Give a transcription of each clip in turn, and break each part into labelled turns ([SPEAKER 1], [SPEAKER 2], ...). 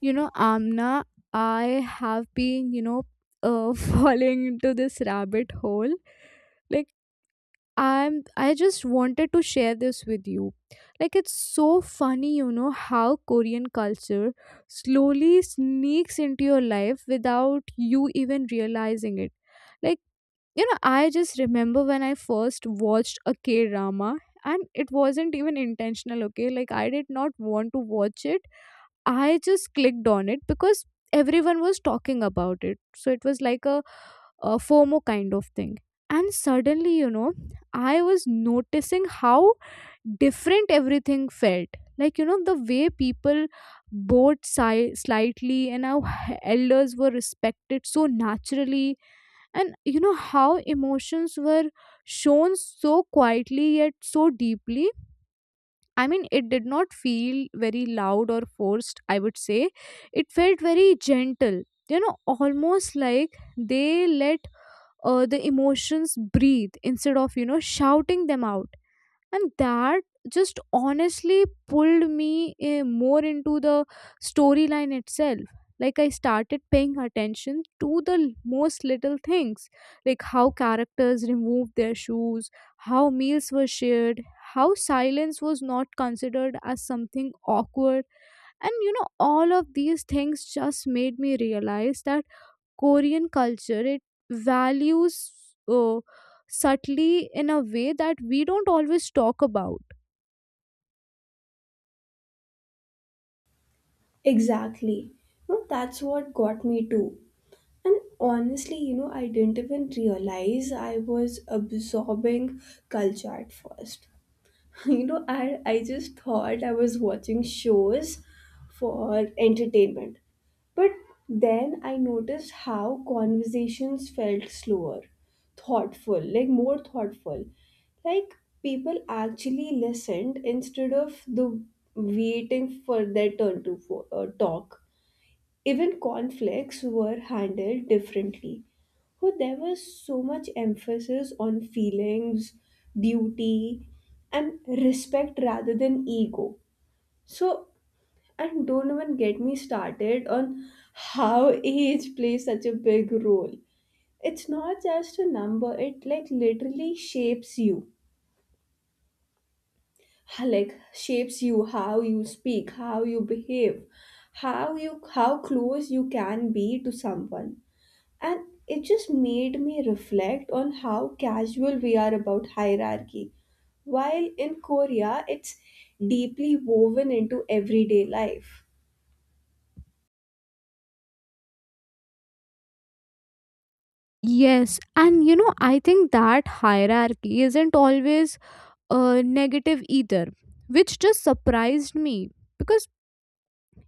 [SPEAKER 1] Amna, I have been, falling into this rabbit hole. Like I just wanted to share this with you. Like it's so funny, how Korean culture slowly sneaks into your life without you even realizing it. Like, I just remember when I first watched a K-drama, and it wasn't even intentional, okay? Like I did not want to watch it. I just clicked on it because everyone was talking about it. So it was like a FOMO kind of thing. And suddenly, I was noticing how different everything felt. Like, the way people slightly, and how elders were respected so naturally. And, how emotions were shown so quietly yet so deeply. I mean, it did not feel very loud or forced, I would say. It felt very gentle, almost like they let the emotions breathe instead of, shouting them out. And that just honestly pulled me more into the storyline itself. Like I started paying attention to the most little things, like how characters removed their shoes, how meals were shared, how silence was not considered as something awkward. And all of these things just made me realize that Korean culture, it values uh, subtly in a way that we don't always talk about.
[SPEAKER 2] Exactly. No, that's what got me too. And honestly, you know, I didn't even realize I was absorbing culture at first. You know, I just thought I was watching shows for entertainment. But then I noticed how conversations felt slower, thoughtful, like more thoughtful. Like people actually listened instead of the waiting for their turn to talk. Even conflicts were handled differently. Oh, there was so much emphasis on feelings, duty, and respect rather than ego. So, and don't even get me started on how age plays such a big role. It's not just a number, it like literally shapes you. Like shapes you how you speak, how you behave, how close you can be to someone. And it just made me reflect on how casual we are about hierarchy. While in Korea, it's deeply woven into everyday life.
[SPEAKER 1] Yes, and I think that hierarchy isn't always negative either, which just surprised me, because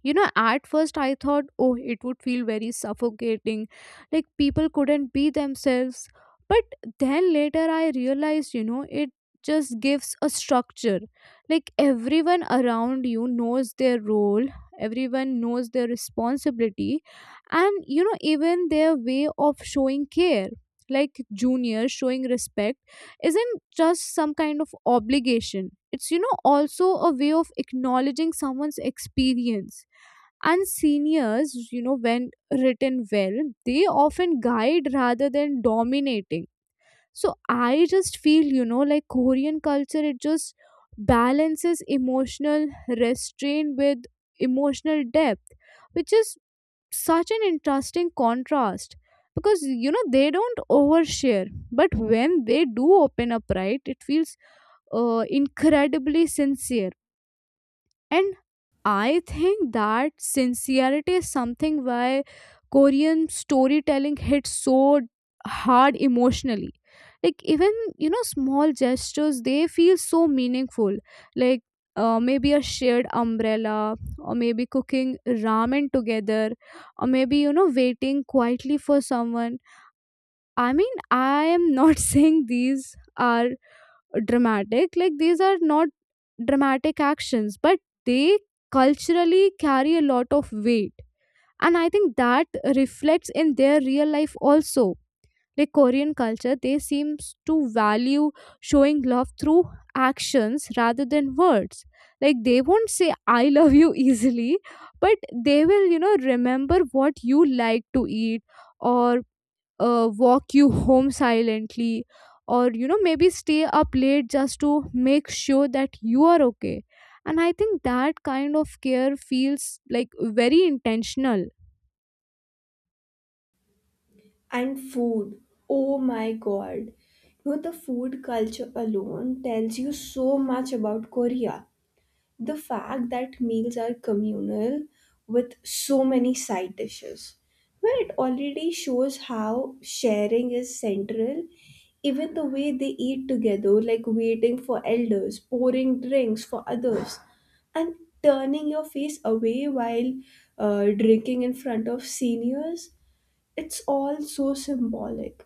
[SPEAKER 1] At first I thought, oh, it would feel very suffocating, like people couldn't be themselves. But then later I realized, it just gives a structure. Like everyone around you knows their role, everyone knows their responsibility, and even their way of showing care. Like junior showing respect isn't just some kind of obligation, it's also a way of acknowledging someone's experience. And seniors, when written well, they often guide rather than dominating. So I just feel like Korean culture, it just balances emotional restraint with emotional depth, which is such an interesting contrast, because they don't overshare. But when they do open up, right, it feels incredibly sincere. And I think that sincerity is something why Korean storytelling hits so hard emotionally. Like even small gestures, they feel so meaningful. Like maybe a shared umbrella, or maybe cooking ramen together, or maybe waiting quietly for someone. I mean, I am not saying these are dramatic. Like these are not dramatic actions, but they culturally carry a lot of weight. And I think that reflects in their real life also. Like Korean culture, they seems to value showing love through actions rather than words. Like they won't say I love you easily, but they will remember what you like to eat, or walk you home silently, or maybe stay up late just to make sure that you are okay. And I think that kind of care feels like very intentional.
[SPEAKER 2] And food. Oh my god. You know, the food culture alone tells you so much about Korea. The fact that meals are communal with so many side dishes, where it already shows how sharing is central. Even the way they eat together, like waiting for elders, pouring drinks for others, and turning your face away while drinking in front of seniors, it's all so symbolic.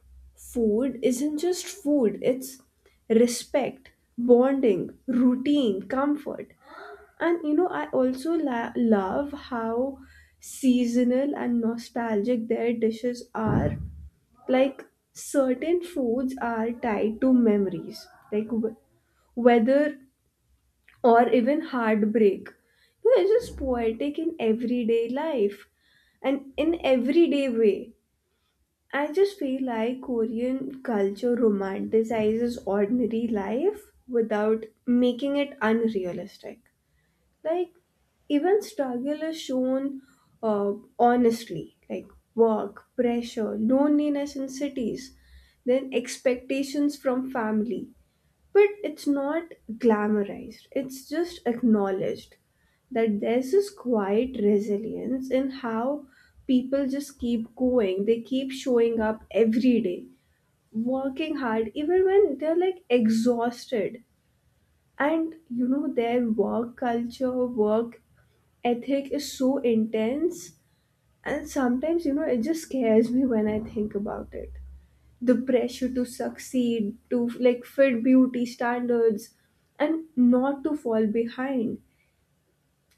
[SPEAKER 2] Food isn't just food, it's respect, bonding, routine, comfort. And you know, I also love how seasonal and nostalgic their dishes are. Like certain foods are tied to memories, like weather or even heartbreak. You know, it's just poetic in everyday life and in everyday way. I just feel like Korean culture romanticizes ordinary life without making it unrealistic, like even struggle is shown uh, honestly, like work pressure, loneliness in cities, then expectations from family, but it's not glamorized, it's just acknowledged. That there's this quiet resilience in how people just keep going, they keep showing up every day, working hard even when they're like exhausted. And you know, their work culture work ethic is so intense, and sometimes, you know, it just scares me when I think about it. The pressure to succeed, to like fit beauty standards, and not to fall behind,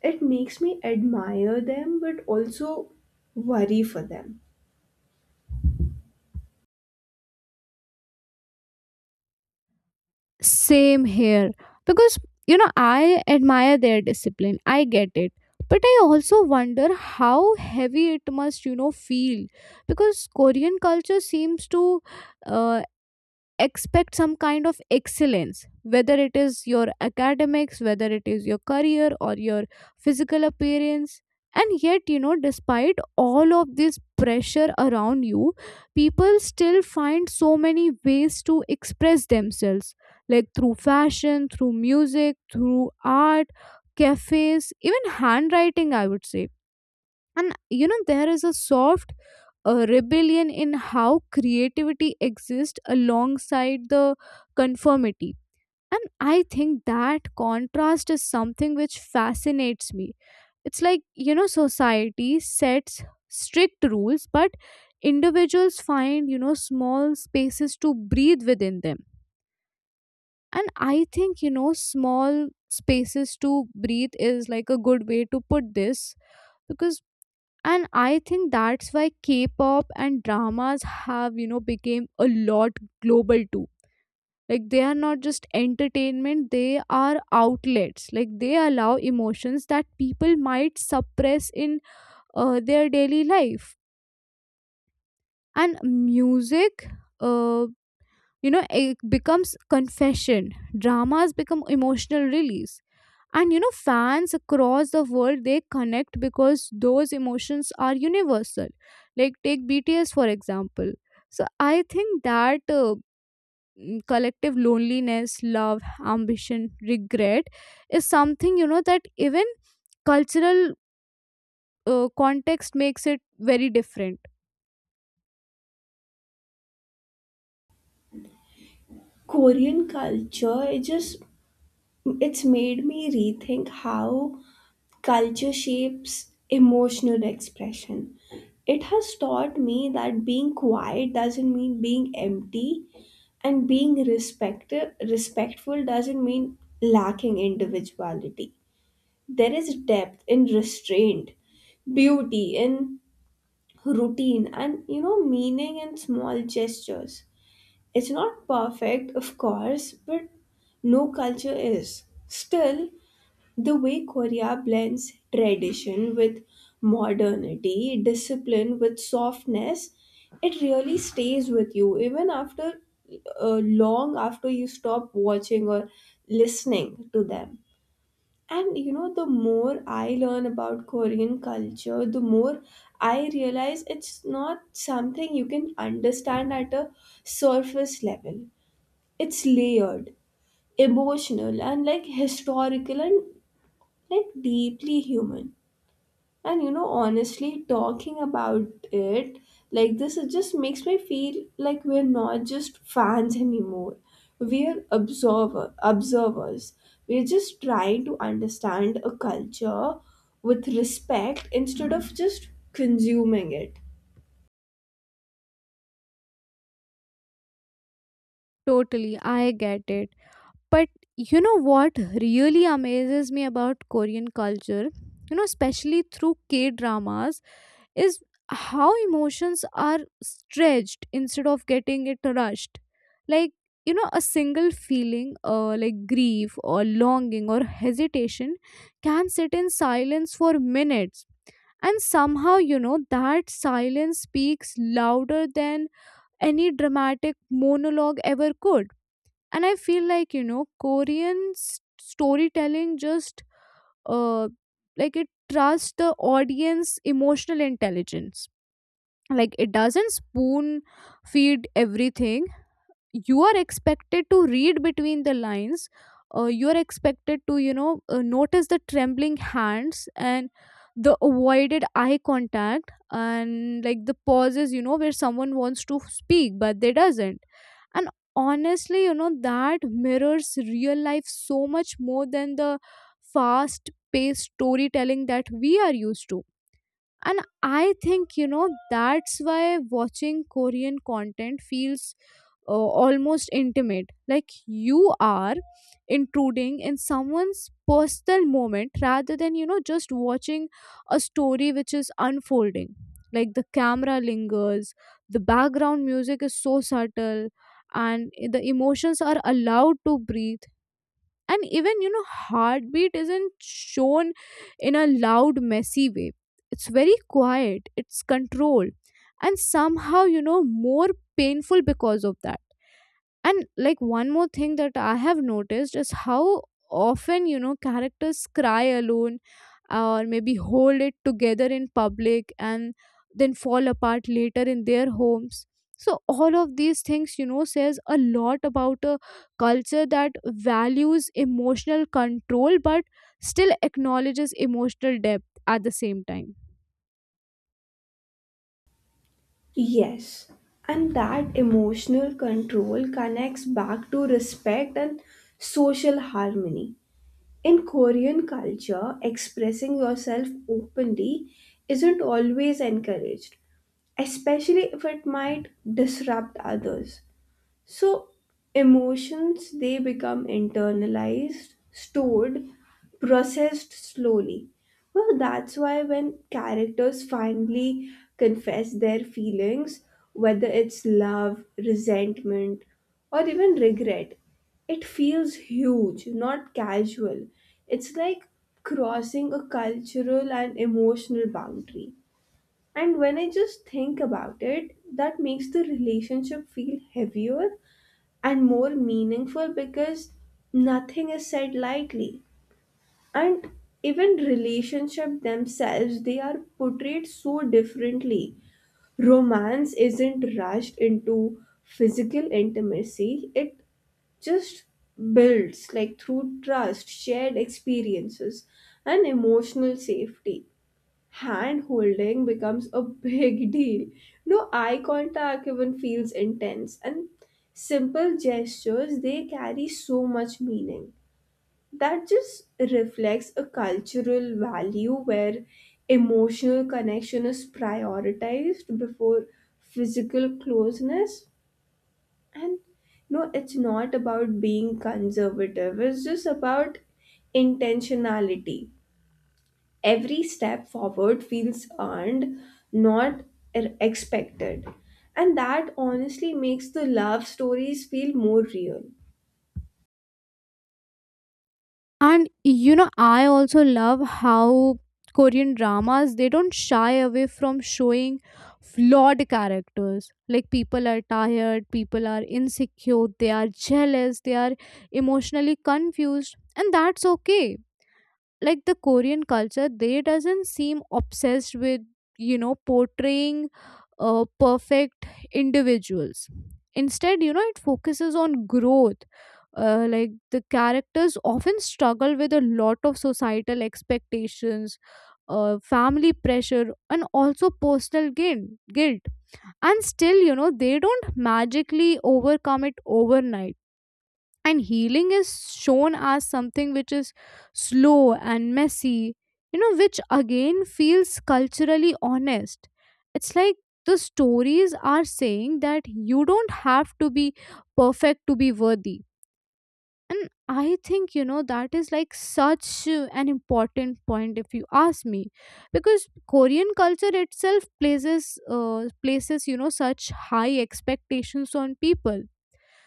[SPEAKER 2] it makes me admire them but also worry for them.
[SPEAKER 1] Same here, because I admire their discipline, I get it. But I also wonder how heavy it must feel, because Korean culture seems to uh, expect some kind of excellence, whether it is your academics, whether it is your career, or your physical appearance. And yet despite all of this pressure around you, people still find so many ways to express themselves, like through fashion, through music, through art, cafes, even handwriting, I would say. And there is a soft rebellion in how creativity exists alongside the conformity. And I think that contrast is something which fascinates me. It's like society sets strict rules, but individuals find small spaces to breathe within them. And I think small spaces to breathe is like a good way to put this. Because, and I think that's why K-pop and dramas have became a lot global too. Like they are not just entertainment, they are outlets. Like they allow emotions that people might suppress in their daily life. And music, uh, it becomes confession, dramas become emotional release. And fans across the world, they connect because those emotions are universal. Like take BTS for example. So I think that collective loneliness, love, ambition, regret is something that even cultural context makes it very different.
[SPEAKER 2] Korean culture, it just, it's made me rethink how culture shapes emotional expression. It has taught me that being quiet doesn't mean being empty, and being respectful doesn't mean lacking individuality. There is depth in restraint, beauty in routine, and you know, meaning in small gestures. It's not perfect, of course, but no culture is. Still, the way Korea blends tradition with modernity, discipline with softness, it really stays with you, even after, long after you stop watching or listening to them. And you know, the more I learn about Korean culture, the more I realize it's not something you can understand at a surface level. It's layered, emotional, and like historical, and like deeply human. And you know, honestly, talking about it like this, it just makes me feel like we're not just fans anymore, we're observers, we're just trying to understand a culture with respect instead of just consuming it.
[SPEAKER 1] Totally, I get it. But you know what really amazes me about Korean culture, especially through K dramas, is how emotions are stretched instead of getting it rushed. Like, a single feeling, like grief or longing or hesitation, can sit in silence for minutes. And somehow, that silence speaks louder than any dramatic monologue ever could. And I feel like Korean storytelling just uh like it trusts the audience emotional intelligence. Like it doesn't spoon feed everything. You are expected to read between the lines. You are expected to notice the trembling hands and the avoided eye contact and like the pauses where someone wants to speak but they doesn't. And honestly that mirrors real life so much more than the fast paced storytelling that we are used to. And I think that's why watching Korean content feels uh, almost intimate, like you are intruding in someone's personal moment rather than just watching a story which is unfolding. Like the camera lingers, the background music is so subtle, and the emotions are allowed to breathe. And even heartbeat isn't shown in a loud messy way. It's very quiet, it's controlled, and somehow more painful because of that. And like one more thing that I have noticed is how often, characters cry alone or maybe hold it together in public and then fall apart later in their homes. So all of these things, says a lot about a culture that values emotional control but still acknowledges emotional depth at the same time.
[SPEAKER 2] Yes, and that emotional control connects back to respect and social harmony. In Korean culture, expressing yourself openly isn't always encouraged, especially if it might disrupt others. So, emotions, they become internalized, stored, processed slowly. Well, that's why when characters finally confess their feelings, whether it's love, resentment, or even regret, it feels huge, not casual. It's like crossing a cultural and emotional boundary. And when I just think about it, that makes the relationship feel heavier and more meaningful, because nothing is said lightly. And even relationship themselves, they are portrayed so differently. Romance isn't rushed into physical intimacy, it just builds, like through trust, shared experiences, and emotional safety. Hand holding becomes a big deal. No, eye contact even feels intense, and simple gestures, they carry so much meaning. That just reflects a cultural value where emotional connection is prioritized before physical closeness. And no, it's not about being conservative, it's just about intentionality. Every step forward feels earned, not expected. And that honestly makes the love stories feel more real.
[SPEAKER 1] And I also love how Korean dramas, they don't shy away from showing flawed characters. Like people are tired, people are insecure, they are jealous, they are emotionally confused, and that's okay. Like the Korean culture, they doesn't seem obsessed with portraying perfect individuals. Instead, it focuses on growth. Like the characters often struggle with a lot of societal expectations, family pressure, and also personal gain, guilt. And still they don't magically overcome it overnight. And healing is shown as something which is slow and messy, which again feels culturally honest. It's like the stories are saying that you don't have to be perfect to be worthy. And I think that is like such an important point if you ask me. Because Korean culture itself places such high expectations on people.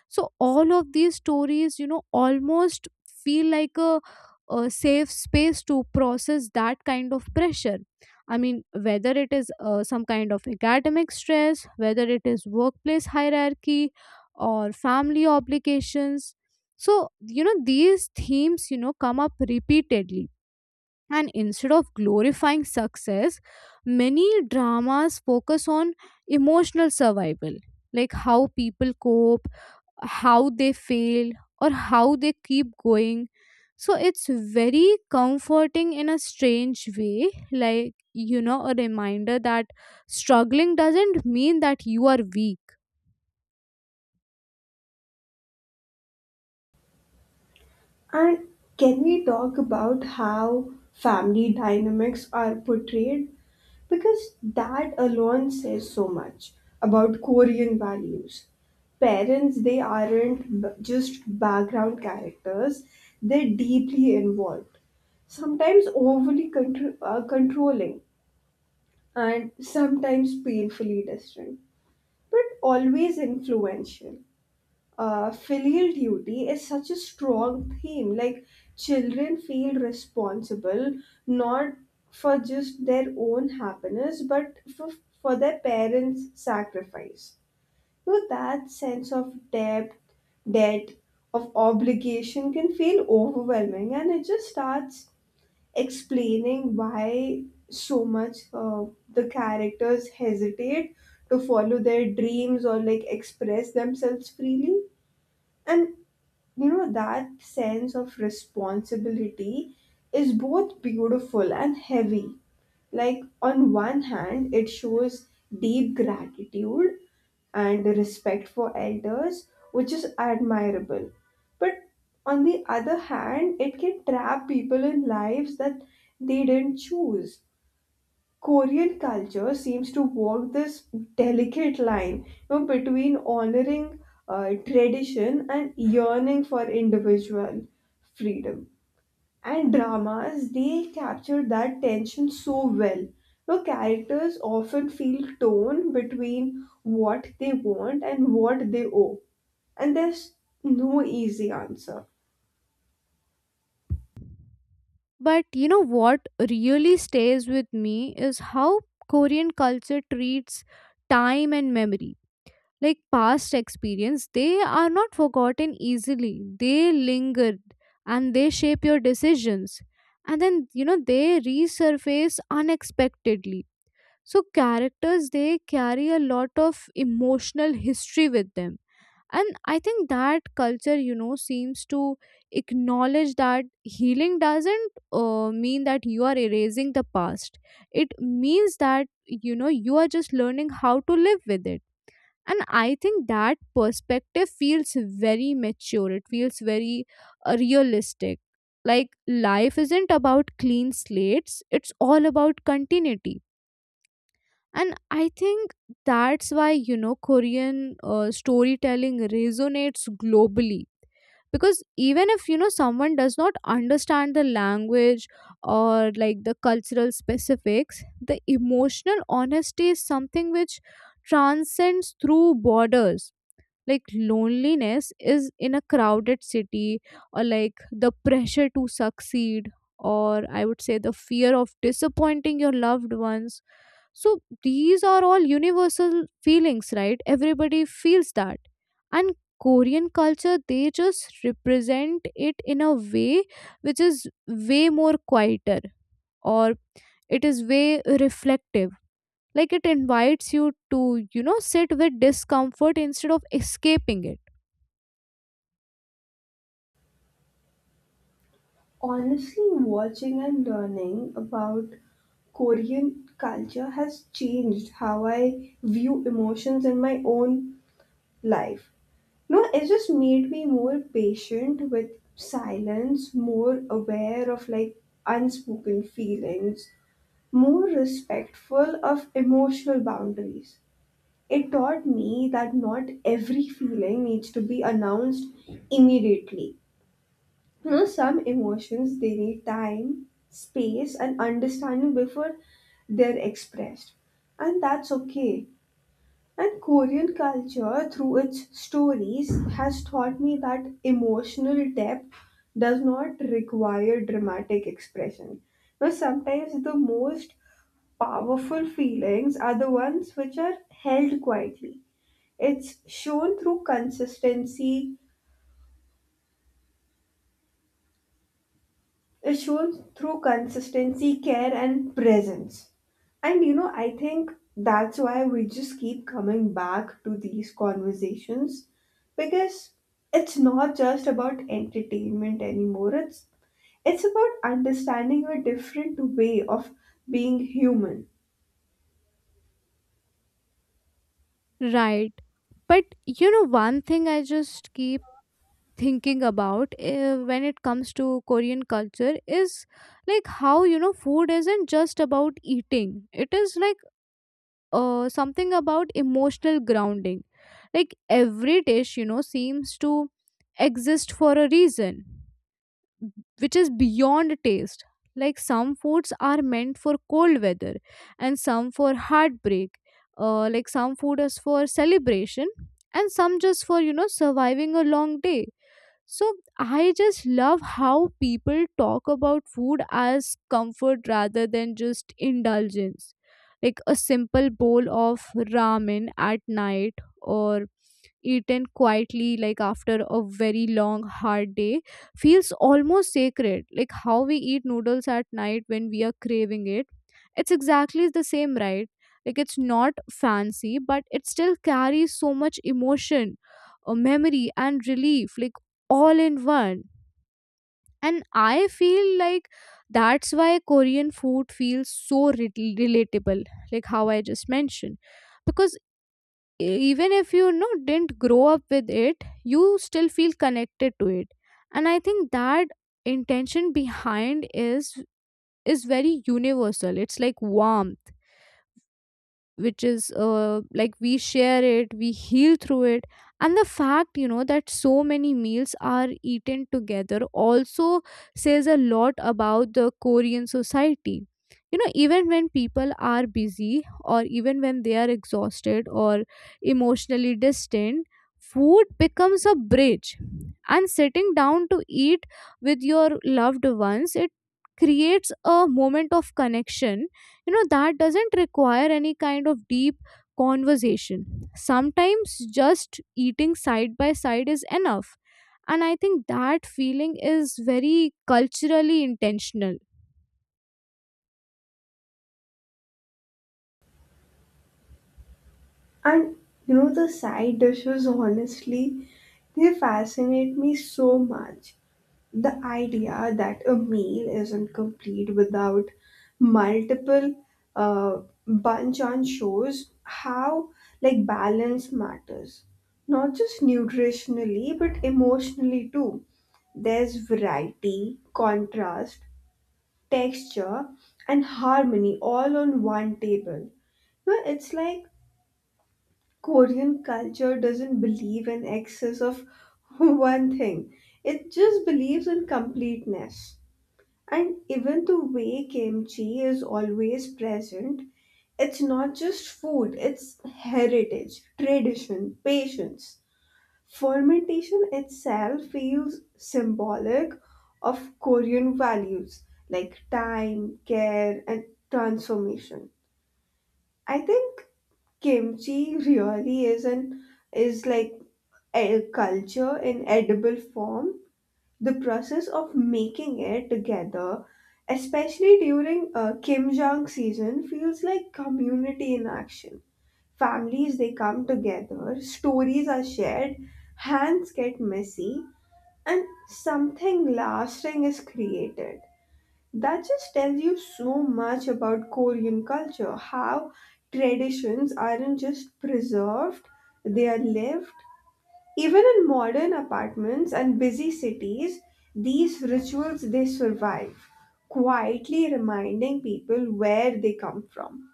[SPEAKER 1] So all of these stories almost feel like a safe space to process that kind of pressure. I mean, whether it is some kind of academic stress, whether it is workplace hierarchy, or family obligations. So these themes come up repeatedly. And instead of glorifying success, many dramas focus on emotional survival. Like how people cope, how they fail, or how they keep going. So it's very comforting in a strange way, like a reminder that struggling doesn't mean that you are weak.
[SPEAKER 2] And can we talk about how family dynamics are portrayed? Because that alone says so much about Korean values. Parents, they aren't just background characters, they're deeply involved, sometimes overly controlling, and sometimes painfully distant, but always influential. Filial duty is such a strong theme. Like children feel responsible, not for just their own happiness, but for their parents' sacrifice. So that sense of debt, of obligation can feel overwhelming, and it just starts explaining why so much, the characters hesitate to follow their dreams or like express themselves freely. And you know, that sense of responsibility is both beautiful and heavy. Like on one hand, it shows deep gratitude and respect for elders, which is admirable, but on the other hand, it can trap people in lives that they didn't choose. Korean culture seems to walk this delicate line, you know, between honoring tradition and yearning for individual freedom. And dramas, they capture that tension so well. You know, characters often feel torn between what they want and what they owe, and there's no easy answer.
[SPEAKER 1] But you know what really stays with me is how Korean culture treats time and memory. Like past experience, they are not forgotten easily, they lingered, and they shape your decisions. And then they resurface unexpectedly. So characters, they carry a lot of emotional history with them. And I think that culture seems to acknowledge that healing doesn't mean that you are erasing the past. It means that you are just learning how to live with it. And I think that perspective feels very mature, it feels very realistic. Like life isn't about clean slates, it's all about continuity. And I think that's why Korean storytelling resonates globally. Because even if someone does not understand the language or like the cultural specifics, the emotional honesty is something which transcends through borders. Like loneliness is in a crowded city, or like the pressure to succeed, or I would say the fear of disappointing your loved ones. So these are all universal feelings, right, everybody feels that. And Korean culture, they just represent it in a way which is way more quieter, or it is way reflective. Like it invites you to sit with discomfort instead of escaping it.
[SPEAKER 2] Honestly, watching and learning about Korean culture has changed how I view emotions in my own life. No, it just made me more patient with silence, more aware of like unspoken feelings, more respectful of emotional boundaries. It taught me that not every feeling needs to be announced immediately. You know, some emotions, they need time, space, and understanding before they're expressed, and that's okay. And Korean culture, through its stories, has taught me that emotional depth does not require dramatic expression. Now, sometimes the most powerful feelings are the ones which are held quietly. It's shown through consistency, It shows through consistency, care, and presence. And you know, I think that's why we just keep coming back to these conversations, because it's not just about entertainment anymore. It's about understanding a different way of being human.
[SPEAKER 1] Right. But you know, one thing I just keep thinking about when it comes to Korean culture is like how, you know, food isn't just about eating, it is like something about emotional grounding. Like every dish, you know, seems to exist for a reason which is beyond taste. Like some foods are meant for cold weather and some for heartbreak. Like some food is for celebration and some just for, surviving a long day. So I just love how people talk about food as comfort rather than just indulgence. Like a simple bowl of ramen at night or eaten quietly like after a very long hard day feels almost sacred, like how we eat noodles at night when we are craving it. It's exactly the same, right? Like it's not fancy, but it still carries so much emotion, memory and relief, like all in one. And I feel like that's why korean food feels so relatable, like how I just mentioned, because even if you know didn't grow up with it, you still feel connected to it. And I think that intention behind is very universal. It's like warmth, which is, like, we share it, we heal through it. And the fact, you know, that so many meals are eaten together also says a lot about the korean society. You know, even when people are busy or even when they are exhausted or emotionally distant, food becomes a bridge. And sitting down to eat with your loved ones, it creates a moment of connection, you know, that doesn't require any kind of deep conversation. Sometimes just eating side by side is enough. And I think that feeling is very culturally intentional.
[SPEAKER 2] And you know, the side dishes honestly, they fascinate me so much. The idea that a meal isn't complete without multiple uh, bunch on shows how like balance matters, not just nutritionally but emotionally too. There's variety, contrast, texture, and harmony all on one table. You know, it's like Korean culture doesn't believe in excess of one thing. It just believes in completeness. And even the way kimchi is always present, it's not just food, it's heritage, tradition, patience. Fermentation itself feels symbolic of Korean values, like time, care, and transformation. I think kimchi really is like a culture in edible form. The process of making it together, especially during Kim Jong season, feels like community in action. Families, they come together, stories are shared, hands get messy, and something lasting is created. That just tells you so much about Korean culture, how traditions aren't just preserved, they are lived. Even in modern apartments and busy cities, these rituals, they survive, quietly reminding people where they come from.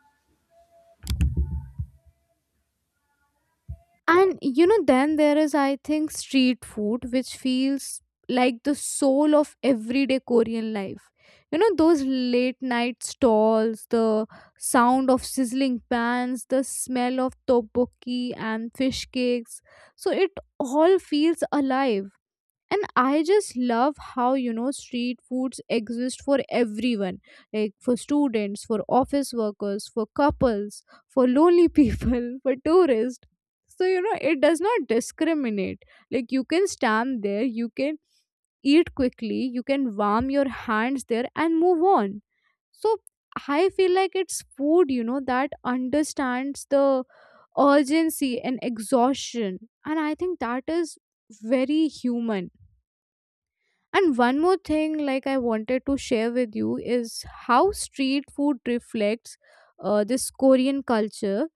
[SPEAKER 1] And you know, then there is, I think, street food, which feels like the soul of everyday Korean life. You know, those late night stalls, the sound of sizzling pans, the smell of tteokbokki and fish cakes. So it all feels alive. And I just love how, you know, street foods exist for everyone, like for students, for office workers, for couples, for lonely people, for tourists. So you know it does not discriminate. Like you can stand there, you can eat quickly, you can warm your hands there and move on. So I feel like it's food, you know, that understands the urgency and exhaustion. And I think that is very human. And one more thing, like, I wanted to share with you is how street food reflects this Korean culture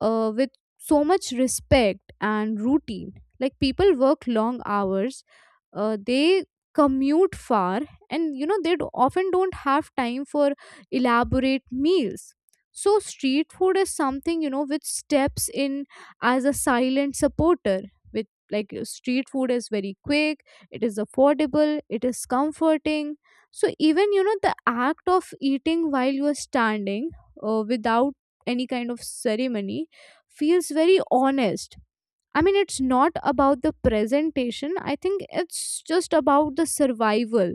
[SPEAKER 1] with so much respect and routine. Like people work long hours, they commute far, and you know they often don't have time for elaborate meals. So street food is something, you know, which steps in as a silent supporter. With like Street food is very quick, it is affordable, it is comforting. So even, you know, the act of eating while you are standing, without any kind of ceremony feels very honest. I mean, it's not about the presentation, I think it's just about the survival,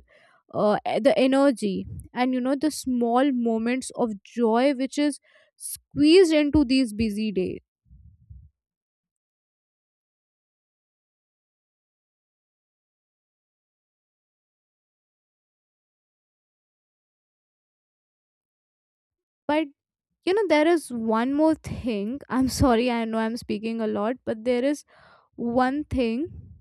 [SPEAKER 1] the energy, and you know, the small moments of joy which is squeezed into these busy days. But you know, there is one more thing. I'm sorry, I know I'm speaking a lot, but there is one thing